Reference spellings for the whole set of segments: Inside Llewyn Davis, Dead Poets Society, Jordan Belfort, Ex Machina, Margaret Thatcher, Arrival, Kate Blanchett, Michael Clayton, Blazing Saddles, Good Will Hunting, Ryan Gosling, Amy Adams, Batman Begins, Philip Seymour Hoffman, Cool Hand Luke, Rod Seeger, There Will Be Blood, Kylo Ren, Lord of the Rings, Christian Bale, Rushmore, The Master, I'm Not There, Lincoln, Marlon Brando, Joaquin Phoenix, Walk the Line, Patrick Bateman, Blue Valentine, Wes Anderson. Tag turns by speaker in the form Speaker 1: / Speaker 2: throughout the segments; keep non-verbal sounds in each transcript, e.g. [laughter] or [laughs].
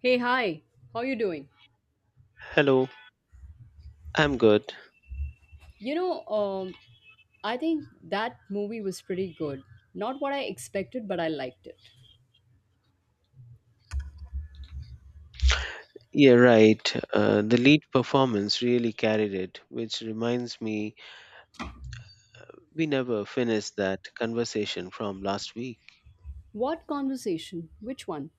Speaker 1: Hey, hi. How you doing?
Speaker 2: Hello, I'm good.
Speaker 1: You know, um, I think that movie was pretty good. Not what I expected, but I liked it.
Speaker 2: Yeah, right. The lead performance really carried it, which reminds me we never finished that conversation from last week.
Speaker 1: What conversation? Which one?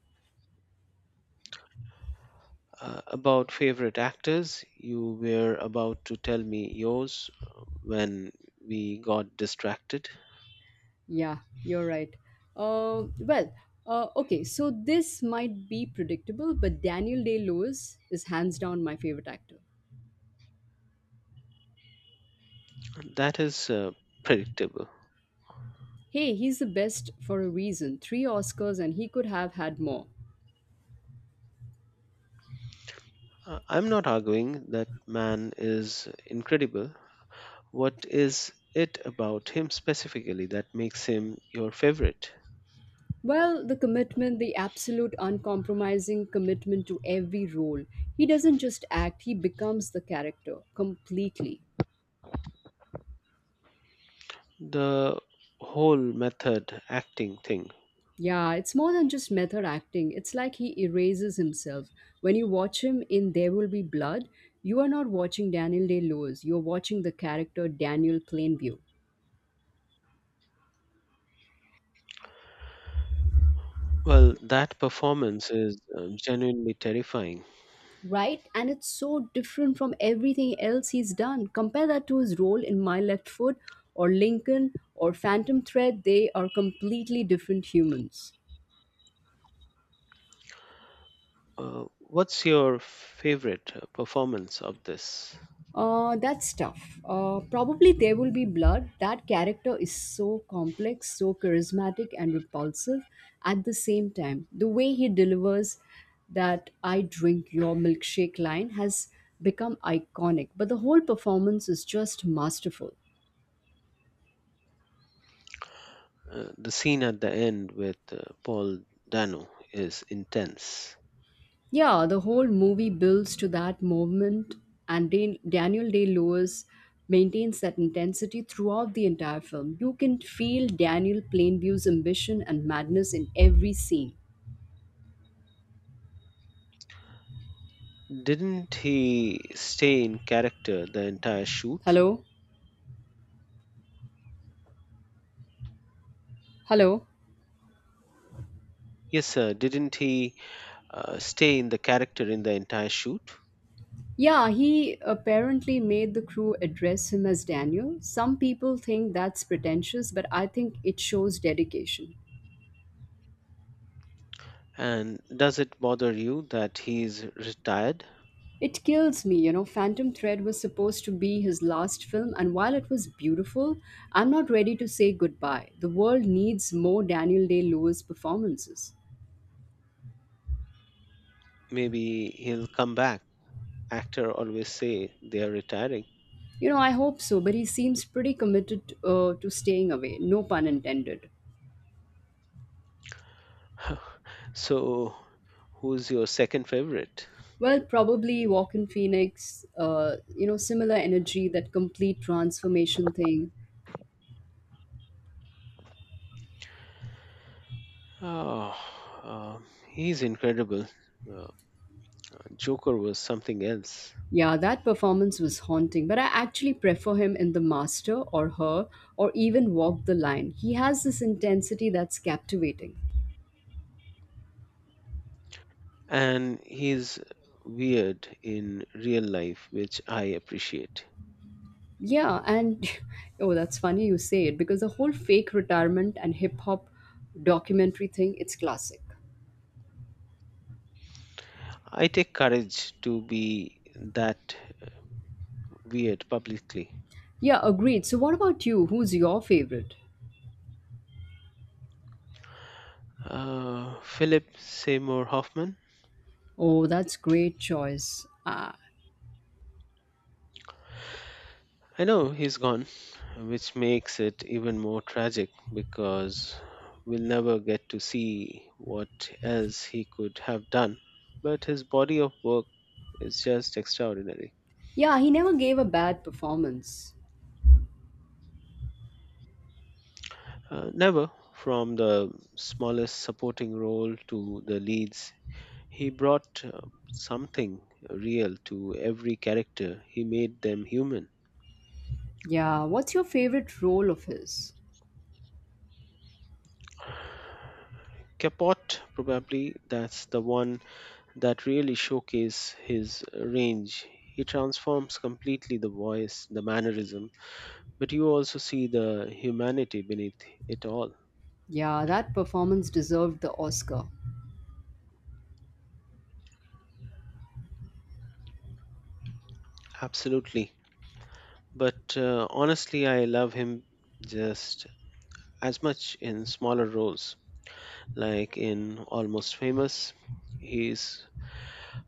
Speaker 2: About favorite actors, you were about to tell me yours when we got distracted.
Speaker 1: Yeah, you're right. Uh, well, okay, so this might be predictable, but Daniel Day Lewis is hands down my favorite actor.
Speaker 2: That is predictable.
Speaker 1: Hey, he's the best for a reason. Three Oscars, and he could have had more.
Speaker 2: I'm not arguing that man is incredible. What is it about him specifically that makes him your favorite?
Speaker 1: Well, the commitment, the absolute uncompromising commitment to every role. He doesn't just act, he becomes the character completely.
Speaker 2: The whole method acting thing.
Speaker 1: Yeah, it's more than just method acting. It's like he erases himself. When you watch him in There Will Be Blood, you are not watching Daniel Day Lewis, you're watching the character Daniel Plainview.
Speaker 2: Well, that performance is genuinely terrifying.
Speaker 1: Right? And it's so different from everything else he's done. Compare that to his role in My Left Foot or Lincoln or Phantom Thread. They are completely different humans.
Speaker 2: What's your favorite performance of this?
Speaker 1: That's tough. Probably There Will Be Blood. That character is so complex, so charismatic, and repulsive at the same time. The way he delivers that I drink your milkshake line has become iconic, but the whole performance is just masterful.
Speaker 2: The scene at the end with Paul Dano is intense.
Speaker 1: Yeah, the whole movie builds to that moment, and Daniel Day Lewis maintains that intensity throughout the entire film. You can feel Daniel Plainview's ambition and madness in every scene.
Speaker 2: Didn't he stay in character the entire shoot?
Speaker 1: Hello? Hello?
Speaker 2: Yes, sir. Didn't he stay in the character in the entire shoot?
Speaker 1: Yeah, he apparently made the crew address him as Daniel. Some people think that's pretentious, but I think it shows dedication.
Speaker 2: And does it bother you that he's retired?
Speaker 1: It kills me, you know. Phantom Thread was supposed to be his last film, and while it was beautiful, I'm not ready to say goodbye. The world needs more Daniel Day Lewis performances.
Speaker 2: Maybe he'll come back. Actor always say they are retiring.
Speaker 1: You know, I hope so, but he seems pretty committed to staying away, no pun intended.
Speaker 2: So, who's your second favorite?
Speaker 1: Well, probably Walk in Phoenix, similar energy, that complete transformation thing.
Speaker 2: Oh, uh, he's incredible. Uh, Joker was something else.
Speaker 1: Yeah, that performance was haunting, but I actually prefer him in The Master or Her or even Walk the Line. He has this intensity that's captivating.
Speaker 2: And he's weird in real life, which I appreciate.
Speaker 1: Yeah, and [laughs] oh, that's funny you say it because the whole fake retirement and hip hop documentary thing, it's classic.
Speaker 2: I take courage to be that weird publicly.
Speaker 1: Yeah, agreed. So, what about you? Who's your favorite?
Speaker 2: Philip Seymour Hoffman.
Speaker 1: Oh, that's great choice. Ah,
Speaker 2: I know he's gone, which makes it even more tragic because we'll never get to see what else he could have done. But his body of work is just extraordinary.
Speaker 1: yeah, he never gave a bad performance.
Speaker 2: Never from the smallest supporting role to the leads, he brought something real to every character. He made them human.
Speaker 1: Yeah, what's your favorite role of his?
Speaker 2: Capote, probably that's the one that really showcase his range. He transforms completely: the voice, the mannerism, but you also see the humanity beneath it all.
Speaker 1: Yeah, that performance deserved the Oscar.
Speaker 2: Absolutely. But honestly, I love him just as much in smaller roles, like in Almost Famous. He's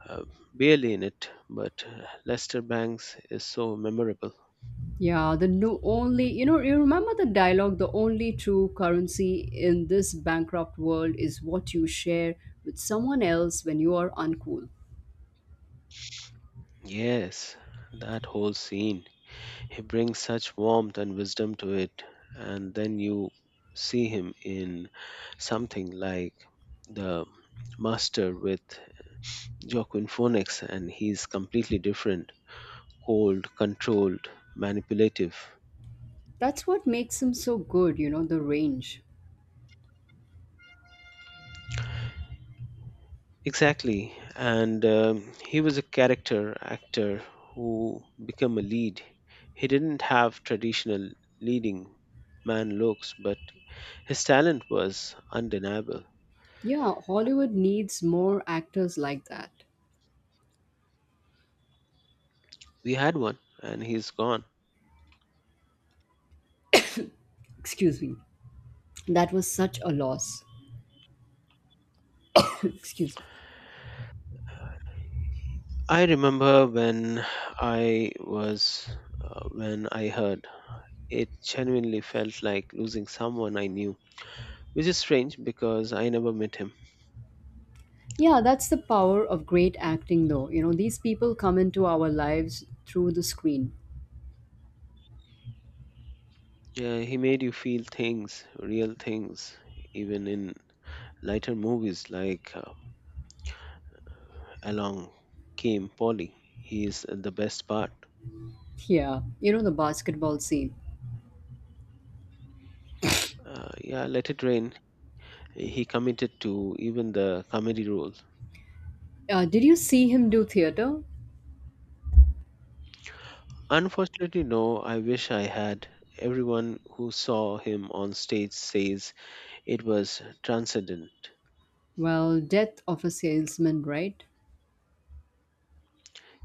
Speaker 2: uh, barely in it, but Lester Bangs is so memorable.
Speaker 1: Yeah, the no only you know you remember the dialogue the only true currency in this bankrupt world is what you share with someone else when you are uncool.
Speaker 2: Yes, that whole scene. He brings such warmth and wisdom to it, and then you see him in something like The Master with Joaquin Phoenix, and he's completely different: cold, controlled, manipulative.
Speaker 1: That's what makes him so good, you know, the range.
Speaker 2: Exactly. And he was a character actor who became a lead. He didn't have traditional leading man looks, but his talent was undeniable.
Speaker 1: Yeah, Hollywood needs more actors like that.
Speaker 2: We had one, and he's gone.
Speaker 1: Excuse me. That was such a loss. [laughs] [coughs] Excuse me.
Speaker 2: I remember I was when I heard, it genuinely felt like losing someone I knew, which is strange because I never met him.
Speaker 1: Yeah, that's the power of great acting though. You know, these people come into our lives through the screen.
Speaker 2: Yeah, he made you feel things, real things, even in lighter movies like Along Came Polly. He is the best part.
Speaker 1: Yeah, you know the basketball scene.
Speaker 2: Yeah, Let It Rain. He committed to even the comedy role.
Speaker 1: Did you see him do theater?
Speaker 2: Unfortunately, no. I wish I had. Everyone who saw him on stage says it was transcendent.
Speaker 1: Well, death of a salesman, right?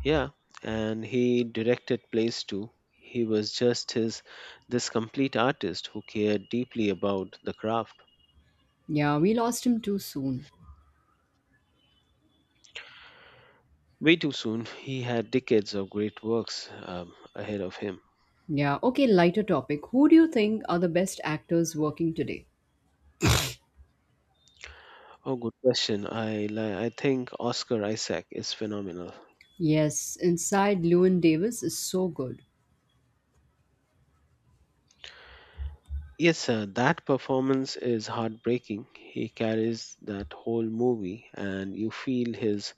Speaker 2: Yeah, and he directed plays too. He was just his this complete artist who cared deeply about the craft.
Speaker 1: Yeah, we lost him too soon.
Speaker 2: Way too soon, he had decades of great works ahead of him.
Speaker 1: Yeah, okay, lighter topic. Who do you think are the best actors working today?
Speaker 2: Oh, good question. I think Oscar Isaac is phenomenal.
Speaker 1: Yes, Inside Llewyn Davis is so good.
Speaker 2: Yes, sir, that performance is heartbreaking. He carries that whole movie, and you feel his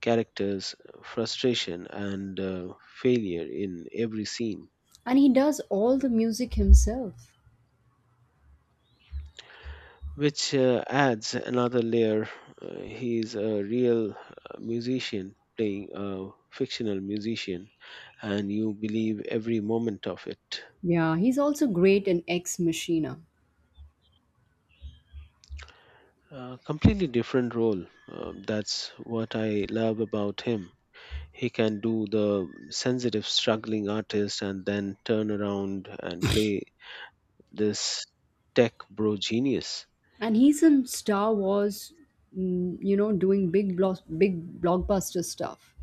Speaker 2: characters' frustration and failure in every scene,
Speaker 1: And he does all the music himself.
Speaker 2: which adds another layer. He is a real musician playing a fictional musician, and you believe every moment of it.
Speaker 1: Yeah, he's also great in Ex Machina.
Speaker 2: A completely different role. That's what I love about him. He can do the sensitive, struggling artist and then turn around and play this tech bro genius.
Speaker 1: And he's in Star Wars, mm, you know, doing big blockbuster stuff.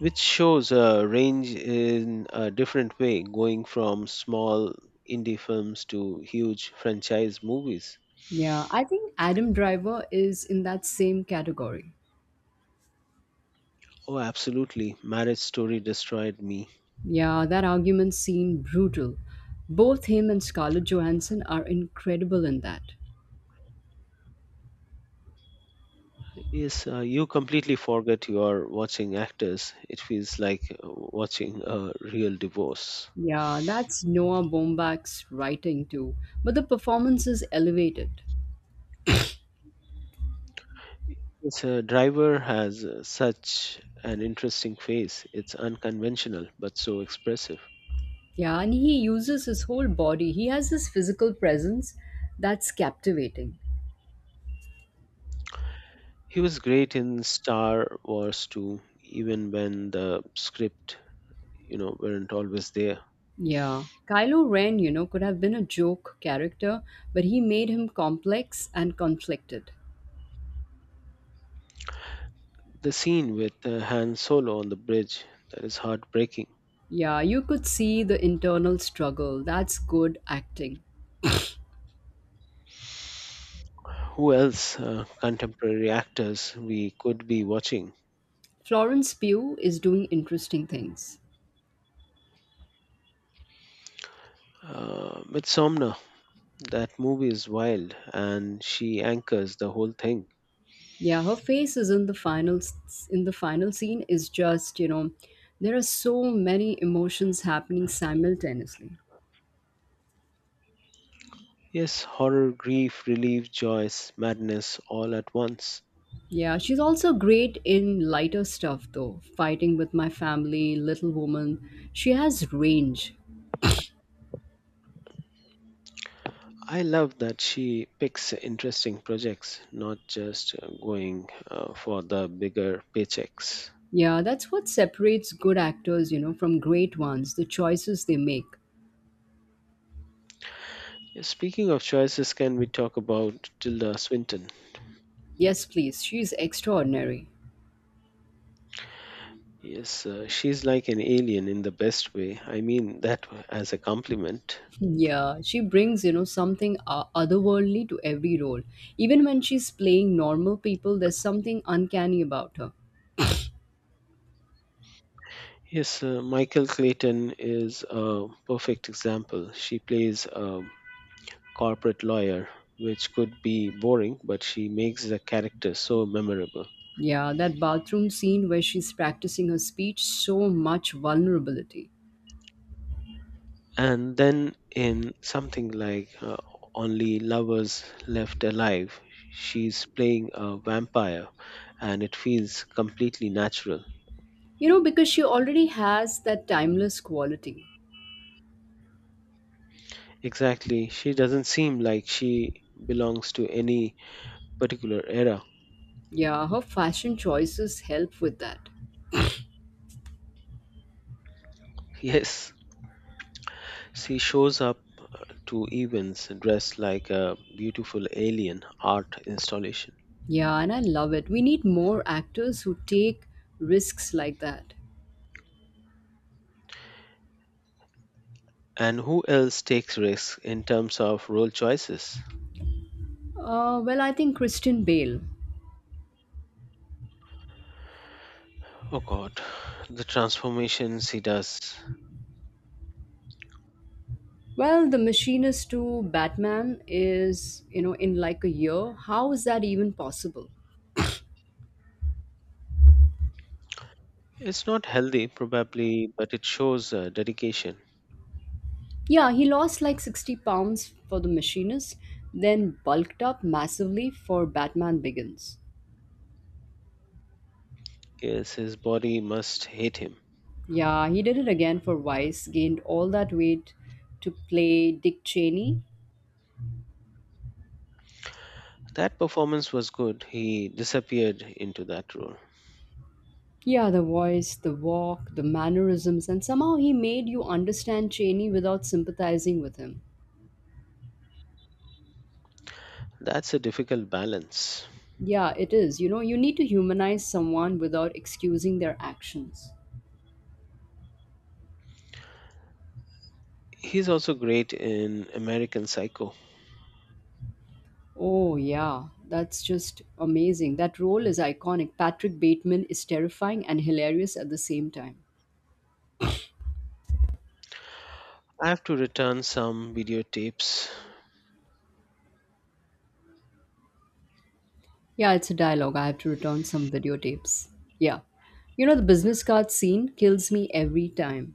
Speaker 2: Which shows a range in a different way, going from small indie films to huge franchise movies.
Speaker 1: Yeah, I think Adam Driver is in that same category.
Speaker 2: Oh, absolutely. Marriage Story destroyed me.
Speaker 1: Yeah, that argument seemed brutal. Both him and Scarlett Johansson are incredible in that.
Speaker 2: Yes, you completely forget you are watching actors. It feels like watching a real divorce.
Speaker 1: Yeah, that's Noah Baumbach's writing too. But the performance is elevated.
Speaker 2: Yes, Driver has such an interesting face. It's unconventional, but so expressive.
Speaker 1: Yeah, and he uses his whole body. He has this physical presence that's captivating.
Speaker 2: He was great in Star Wars 2, even when the script weren't always there.
Speaker 1: Yeah. Kylo Ren, you know, could have been a joke character, but he made him complex and conflicted.
Speaker 2: The scene with Han Solo on the bridge, that is heartbreaking.
Speaker 1: Yeah, you could see the internal struggle. That's good acting.
Speaker 2: Who else contemporary actors we could be watching?
Speaker 1: Florence Pugh is doing interesting things.
Speaker 2: Midsommar. That movie is wild, and she anchors the whole thing.
Speaker 1: Yeah, her face is in in the final scene is just, you know, there are so many emotions happening simultaneously.
Speaker 2: Yes, horror, grief, relief, joy, madness, all at once.
Speaker 1: Yeah, she's also great in lighter stuff though. Fighting with my family, Little Woman. She has range.
Speaker 2: I love that she picks interesting projects, not just going for the bigger paychecks.
Speaker 1: Yeah, that's what separates good actors, you know, from great ones, the choices they make.
Speaker 2: Yeah, speaking of choices, can we talk about Tilda Swinton?
Speaker 1: Yes, please. She's extraordinary.
Speaker 2: Yes, she's like an alien in the best way. I mean that as a compliment.
Speaker 1: Yeah, she brings, you know, something otherworldly to every role. Even when she's playing normal people, there's something uncanny about her.
Speaker 2: Yes, Michael Clayton is a perfect example. She plays a corporate lawyer, which could be boring, but she makes the character so memorable.
Speaker 1: Yeah, that bathroom scene where she's practicing her speech, so much vulnerability.
Speaker 2: And then in something like Only Lovers Left Alive, she's playing a vampire, and it feels completely natural.
Speaker 1: You know, because she already has that timeless quality.
Speaker 2: Exactly. She doesn't seem like she belongs to any particular era. [laughs]
Speaker 1: Yeah, her fashion choices help with that.
Speaker 2: Yes, she shows up to events dressed like a beautiful alien art installation.
Speaker 1: Yeah, and I love it. We need more actors who take risks like that.
Speaker 2: And who else takes risks in terms of role choices?
Speaker 1: I think Christian Bale.
Speaker 2: Oh god, the transformations he does.
Speaker 1: Well, The Machinist to Batman is, you know, in like a year. How is that even possible?
Speaker 2: It's not healthy, probably, but it shows dedication.
Speaker 1: Yeah, he lost like 60 pounds for The Machinist, then bulked up massively for Batman Begins.
Speaker 2: Yes, his body must hate him.
Speaker 1: Yeah, he did it again for Vice, gained all that weight to play Dick Cheney.
Speaker 2: That performance was good. He disappeared into that role.
Speaker 1: Yeah, the voice, the walk, the mannerisms, and somehow he made you understand Cheney without sympathizing with him.
Speaker 2: That's a difficult balance.
Speaker 1: Yeah, it is. You know, you need to humanize someone without excusing their actions.
Speaker 2: He's also great in American Psycho.
Speaker 1: Oh, yeah, that's just amazing. That role is iconic. Patrick Bateman is terrifying and hilarious at the same time.
Speaker 2: I have to return some videotapes.
Speaker 1: Yeah, it's a dialogue. I have to return some videotapes. Yeah. You know, the business card scene kills me every time.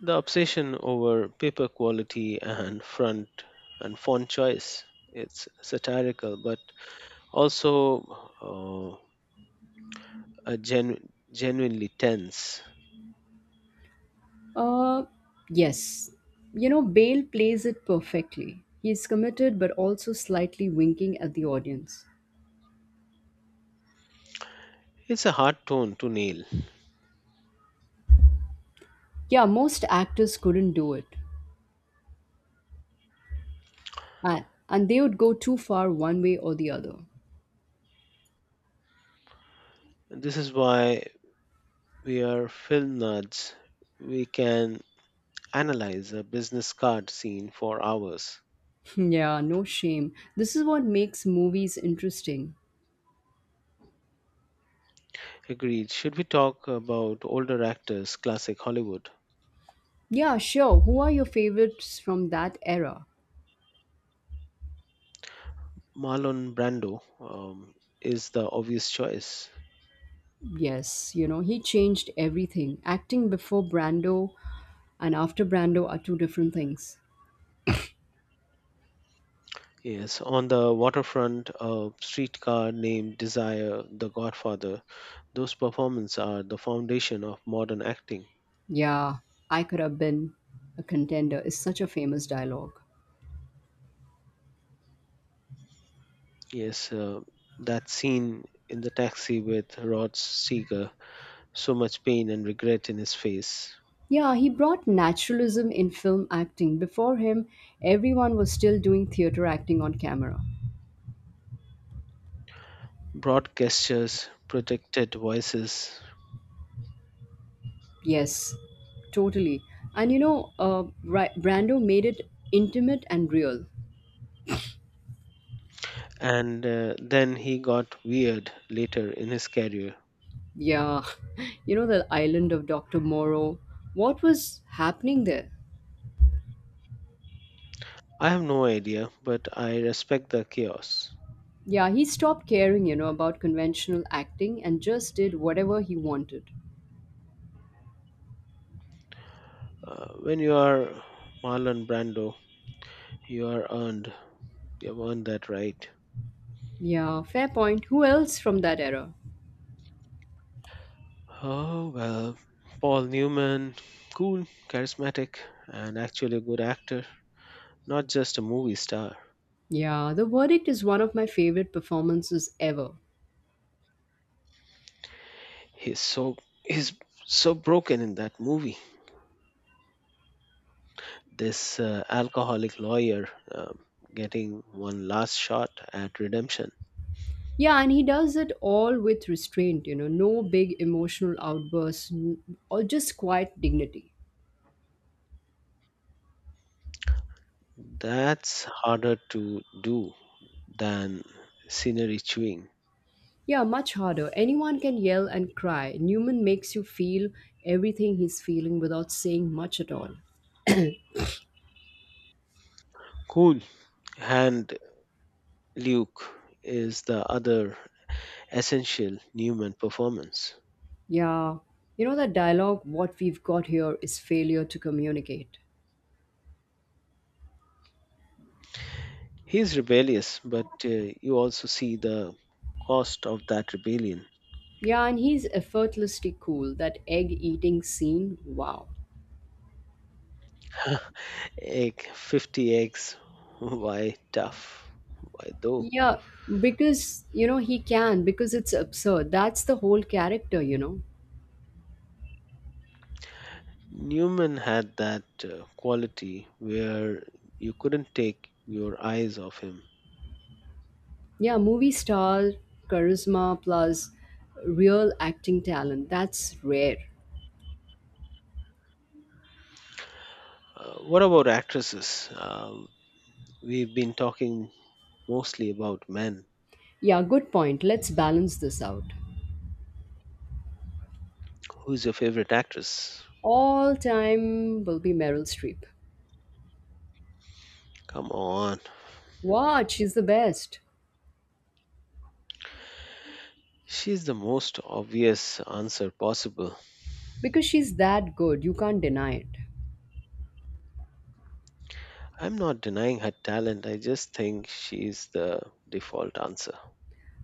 Speaker 2: The obsession over paper quality and front and font choice. It's satirical, but also a genuinely tense.
Speaker 1: Uh, yes. You know, Bale plays it perfectly. He's committed but also slightly winking at the audience.
Speaker 2: It's a hard tone to nail.
Speaker 1: Yeah, most actors couldn't do it. And they would go too far one way or the other.
Speaker 2: This is why we are film nerds. We can analyze a business card scene for hours.
Speaker 1: Yeah, no shame. This is what makes movies interesting.
Speaker 2: Agreed. Should we talk about older actors, classic Hollywood?
Speaker 1: Yeah, sure. Who are your favorites from that era?
Speaker 2: Marlon Brando is the obvious choice.
Speaker 1: Yes, you know, he changed everything. Acting before Brando and after Brando are two different things.
Speaker 2: Yes, On the Waterfront, A Streetcar Named Desire, The Godfather. Those performances are the foundation of modern acting.
Speaker 1: Yeah, I could have been a contender is such a famous dialogue.
Speaker 2: Yes, that scene in the taxi with Rod Seeger, so much pain and regret in his face.
Speaker 1: Yeah, he brought naturalism in film acting. Before him, everyone was still doing theater acting on camera.
Speaker 2: Broad gestures, protected voices,
Speaker 1: Yes, totally. And you know, Brando made it intimate and real.
Speaker 2: and then he got weird later in his career.
Speaker 1: Yeah, [laughs] you know, the island of Dr. Moreau. What was happening there?
Speaker 2: I have no idea, but I respect the chaos.
Speaker 1: Yeah, he stopped caring, you know, about conventional acting and just did whatever he wanted.
Speaker 2: When you are Marlon Brando, you are earned. You have earned that right.
Speaker 1: Yeah, fair point. Who else from that era?
Speaker 2: Oh, well, Paul Newman, cool, charismatic, and actually a good actor, not just a movie star.
Speaker 1: Yeah, The Verdict is one of my favorite performances ever.
Speaker 2: He's so he's so broken in that movie. This alcoholic lawyer getting one last shot at redemption.
Speaker 1: Yeah, and he does it all with restraint, you know, no big emotional outbursts or just quiet dignity.
Speaker 2: That's harder to do than scenery chewing.
Speaker 1: Yeah, much harder. Anyone can yell and cry. Newman makes you feel everything he's feeling without saying much at all.
Speaker 2: Cool Hand Luke is the other essential Newman performance.
Speaker 1: Yeah, you know that dialogue, what we've got here is failure to communicate.
Speaker 2: He's rebellious, but you also see the cost of that rebellion.
Speaker 1: Yeah, and he's effortlessly cool. That egg eating scene, wow.
Speaker 2: [laughs] Egg 50 eggs. [laughs] Why tough? Why though?
Speaker 1: Yeah, because, you know, he can, because it's absurd. That's the whole character, you know.
Speaker 2: Newman had that quality where you couldn't take your eyes off him.
Speaker 1: Yeah, movie star, charisma, plus real acting talent. That's rare.
Speaker 2: What about actresses? We've been talking mostly about men.
Speaker 1: Yeah, good point. Let's balance this out.
Speaker 2: Who's your favorite actress?
Speaker 1: All time will be Meryl Streep.
Speaker 2: Come on.
Speaker 1: What? She's the best.
Speaker 2: She's the most obvious answer possible.
Speaker 1: Because she's that good, you can't deny it.
Speaker 2: I'm not denying her talent, I just think she's the default answer.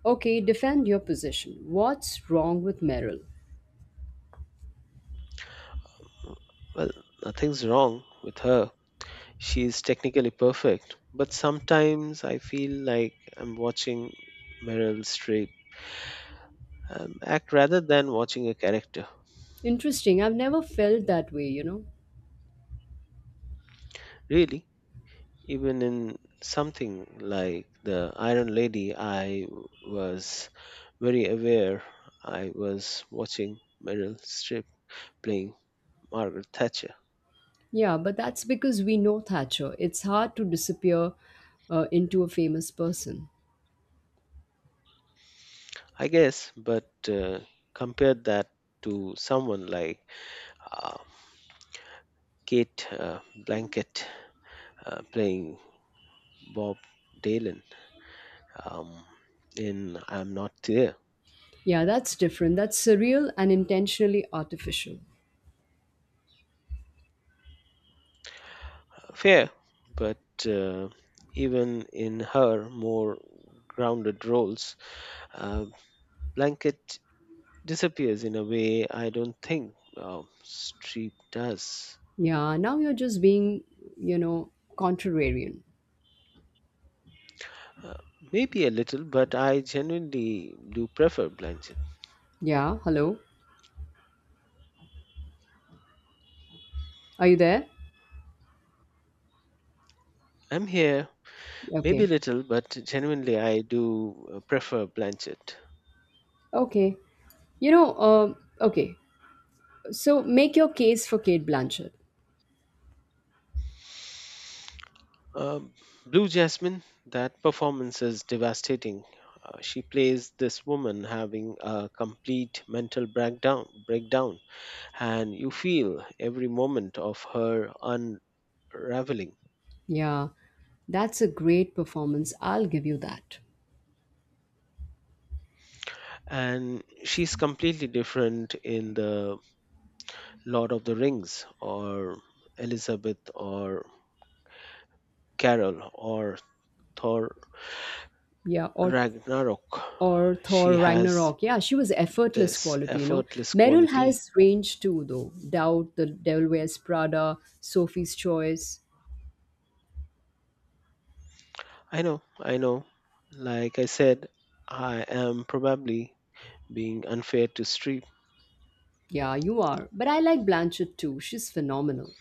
Speaker 1: Okay, defend your position. What's wrong with Meryl?
Speaker 2: Well, nothing's wrong with her. She's technically perfect, but sometimes I feel like I'm watching Meryl Streep act rather than watching a character.
Speaker 1: Interesting. I've never felt that way, you know?
Speaker 2: Really? Even in something like The Iron Lady, I was very aware I was watching Meryl Streep playing Margaret Thatcher.
Speaker 1: Yeah, but that's because we know Thatcher. It's hard to disappear into a famous person.
Speaker 2: I guess, but compare that to someone like uh, Kate Blanket playing Bob Dylan um, in I'm Not There.
Speaker 1: Yeah, that's different. That's surreal and intentionally artificial.
Speaker 2: Fair, but uh, even in her more grounded roles, uh, blanket disappears in a way I don't think street does.
Speaker 1: Yeah, now you're just being, you know, contrarian.
Speaker 2: Uh, maybe a little, but I genuinely do prefer blanket.
Speaker 1: Yeah, hello? Are you there?
Speaker 2: I'm here, maybe
Speaker 1: Okay.
Speaker 2: little, but genuinely I do prefer blanket.
Speaker 1: Okay. Okay. So make your case for Kate Blanchett.
Speaker 2: Um, Blue Jasmine, that performance is devastating. She plays this woman having a complete mental breakdown, and you feel every moment of her unraveling.
Speaker 1: Yeah. That's a great performance. I'll give you that.
Speaker 2: And she's completely different in The Lord of the Rings or Elizabeth or Carol or Thor
Speaker 1: Yeah. Or
Speaker 2: Ragnarok.
Speaker 1: or
Speaker 2: She
Speaker 1: Thor
Speaker 2: has
Speaker 1: Ragnarok. Yeah, she was effortless
Speaker 2: this
Speaker 1: quality, you know.
Speaker 2: effortless
Speaker 1: Meryl
Speaker 2: quality.
Speaker 1: has range too though. Doubt, The Devil Wears Prada, Sophie's Choice.
Speaker 2: I know, like I said, I am probably being unfair to Streep.
Speaker 1: Yeah, you are. But I like Blanchett too. She's phenomenal.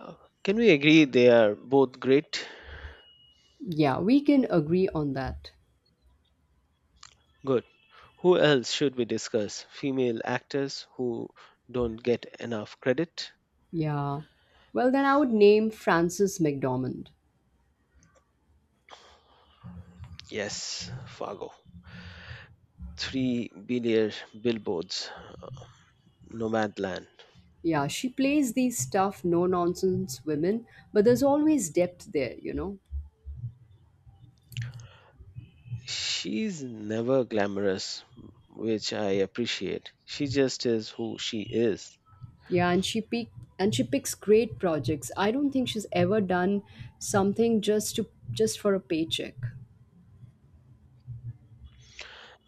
Speaker 2: Uh, can we agree they are both great?
Speaker 1: Yeah, we can agree on that.
Speaker 2: Good. Who else should we discuss, female actors who don't get enough credit?
Speaker 1: Yeah. Well, then I would name Frances McDormand.
Speaker 2: Yes, Fargo. 3 billion Billboards, Nomadland.
Speaker 1: Yeah, she plays these tough, no nonsense women, but there's always depth there, you know.
Speaker 2: She's never glamorous, which I appreciate. She just is who she is.
Speaker 1: Yeah, and she picks great projects. I don't think she's ever done something just for a paycheck.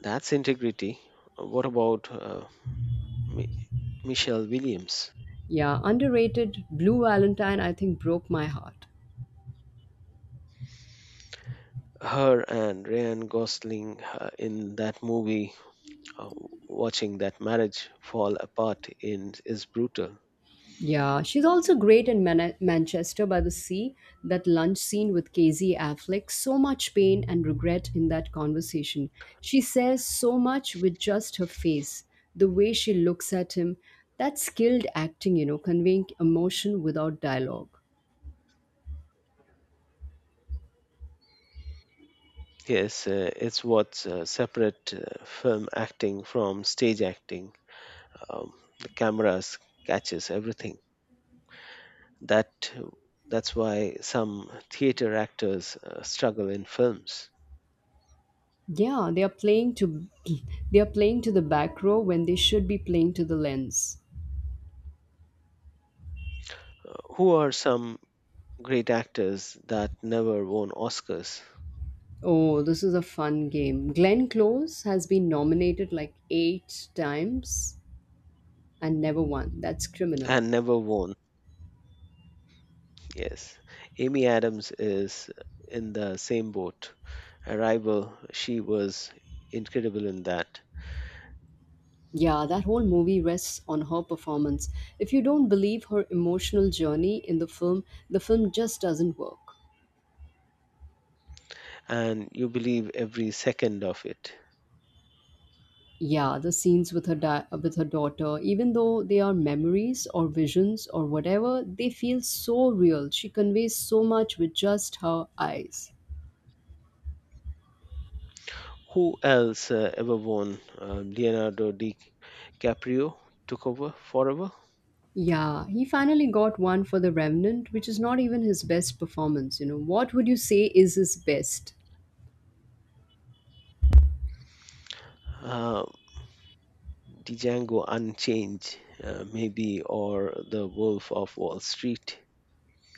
Speaker 2: That's integrity. What about Mi- Michelle Williams?
Speaker 1: Yeah, underrated. Blue Valentine, I think, broke my heart.
Speaker 2: Her and Ryan Gosling in that movie, uh, watching that marriage fall apart in, is brutal.
Speaker 1: Yeah, she's also great in Manchester by the Sea. That lunch scene with Casey Affleck, so much pain and regret in that conversation. She says so much with just her face, the way she looks at him. That's skilled acting, you know, conveying emotion without dialogue.
Speaker 2: Yes, it's what separate film acting from stage acting. um, the cameras catches everything. That that's why some theater actors struggle in films.
Speaker 1: Yeah, they are playing to [clears throat] they are playing to the back row when they should be playing to the lens.
Speaker 2: Who are some great actors that never won Oscars?
Speaker 1: Oh, this is a fun game. Glenn Close has been nominated like eight times and never won. That's criminal.
Speaker 2: And never won. Yes, Amy Adams is in the same boat. Arrival, she was incredible in that.
Speaker 1: Yeah, that whole movie rests on her performance. If you don't believe her emotional journey in the film just doesn't work.
Speaker 2: And you believe every second of it.
Speaker 1: Yeah, the scenes with with her daughter, even though they are memories or visions or whatever, they feel so real. She conveys so much with just her eyes.
Speaker 2: Who else ever won? Leonardo DiCaprio took over forever.
Speaker 1: Yeah, he finally got one for The Remnant, which is not even his best performance, you know. What would you say is his best?
Speaker 2: Uh, the Django Unchained, maybe, or The Wolf of Wall Street.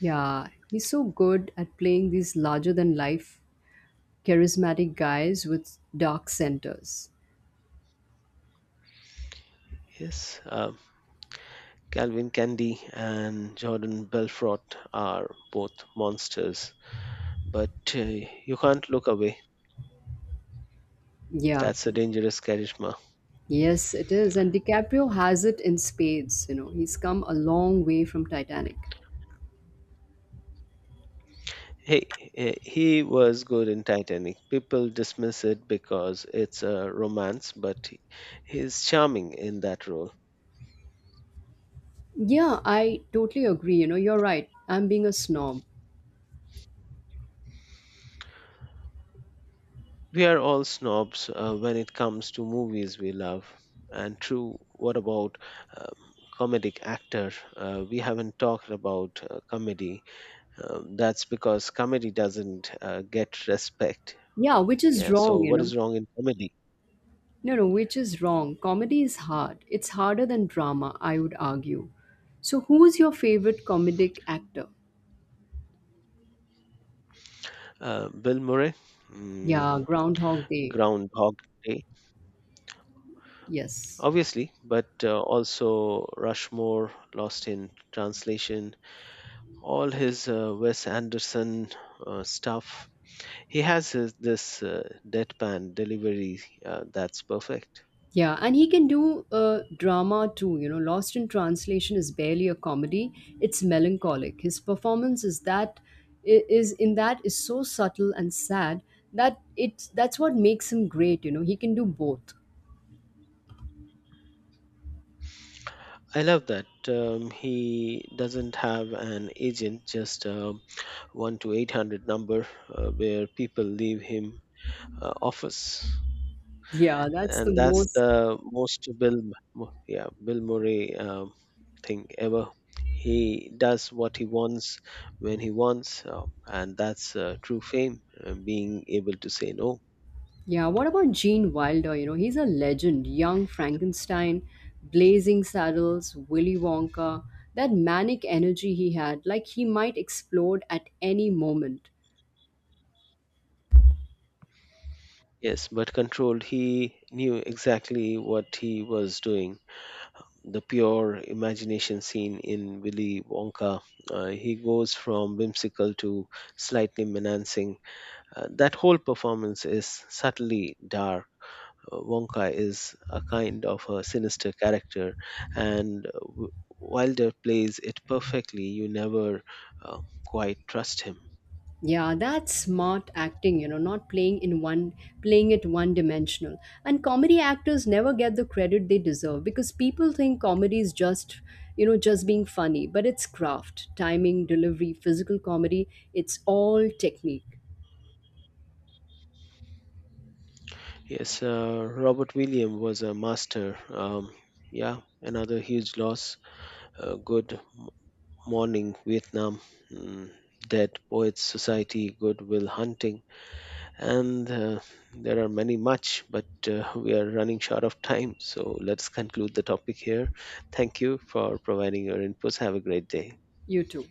Speaker 1: Yeah, he's so good at playing these larger than life, charismatic guys with dark centers.
Speaker 2: Yes, Calvin Candy and Jordan Belfort are both monsters, but you can't look away.
Speaker 1: Yeah,
Speaker 2: That's a dangerous charisma.
Speaker 1: yes, it is. And DiCaprio has it in spades. You know, he's come a long way from Titanic.
Speaker 2: Hey, he was good in Titanic. People dismiss it because it's a romance, but he's charming in that role.
Speaker 1: Yeah, I totally agree. You know, you're right. I'm being a snob.
Speaker 2: We are all snobs when it comes to movies we love. And true, what about um, comedic actor? We haven't talked about comedy. That's because comedy doesn't get respect.
Speaker 1: Yeah,
Speaker 2: Uh,
Speaker 1: which is
Speaker 2: yeah. So
Speaker 1: wrong, you
Speaker 2: what
Speaker 1: know.
Speaker 2: is wrong in comedy?
Speaker 1: No, no, which is wrong. Comedy is hard. It's harder than drama, I would argue. So, who's your favorite comedic actor?
Speaker 2: Bill Murray, mm,
Speaker 1: Yeah, Groundhog Day.
Speaker 2: Groundhog Day.
Speaker 1: Yes.
Speaker 2: Obviously, but also Rushmore, Lost in Translation, all his Wes Anderson stuff. He has this deadpan delivery that's perfect.
Speaker 1: Yeah, and he can do drama too. You know, Lost in Translation is barely a comedy; it's melancholic. His performance is that I- is in that is so subtle and sad that that's what makes him great. You know, he can do both.
Speaker 2: I love that. He doesn't have an agent, just a 1 to 800 number where people leave him office.
Speaker 1: Yeah, that's the
Speaker 2: And that's
Speaker 1: most.
Speaker 2: the most Bill Murray thing ever. He does what he wants when he wants, and that's true fame, being able to say no.
Speaker 1: Yeah, what about Gene Wilder? You know, he's a legend. Young Frankenstein, Blazing Saddles, Willy Wonka. That manic energy he had, like he might explode at any moment.
Speaker 2: Yes, but controlled, he knew exactly what he was doing. The pure imagination scene in Willy Wonka, he goes from whimsical to slightly menacing. That whole performance is subtly dark. Wonka is a kind of a sinister character, and Wilder plays it perfectly. You never uh, quite trust him.
Speaker 1: Yeah, that's smart acting, you know, not playing in one playing it one dimensional. And comedy actors never get the credit they deserve because people think comedy is just, you know, just being funny, but it's craft, timing, delivery, physical comedy, it's all technique.
Speaker 2: Yes, Robert Williams was a master. Yeah, another huge loss. Good Morning Vietnam, mm, Dead Poets Society, Good Will Hunting. And there are many much, but we are running short of time, so let's conclude the topic here. Thank you for providing your inputs. Have a great day.
Speaker 1: You too.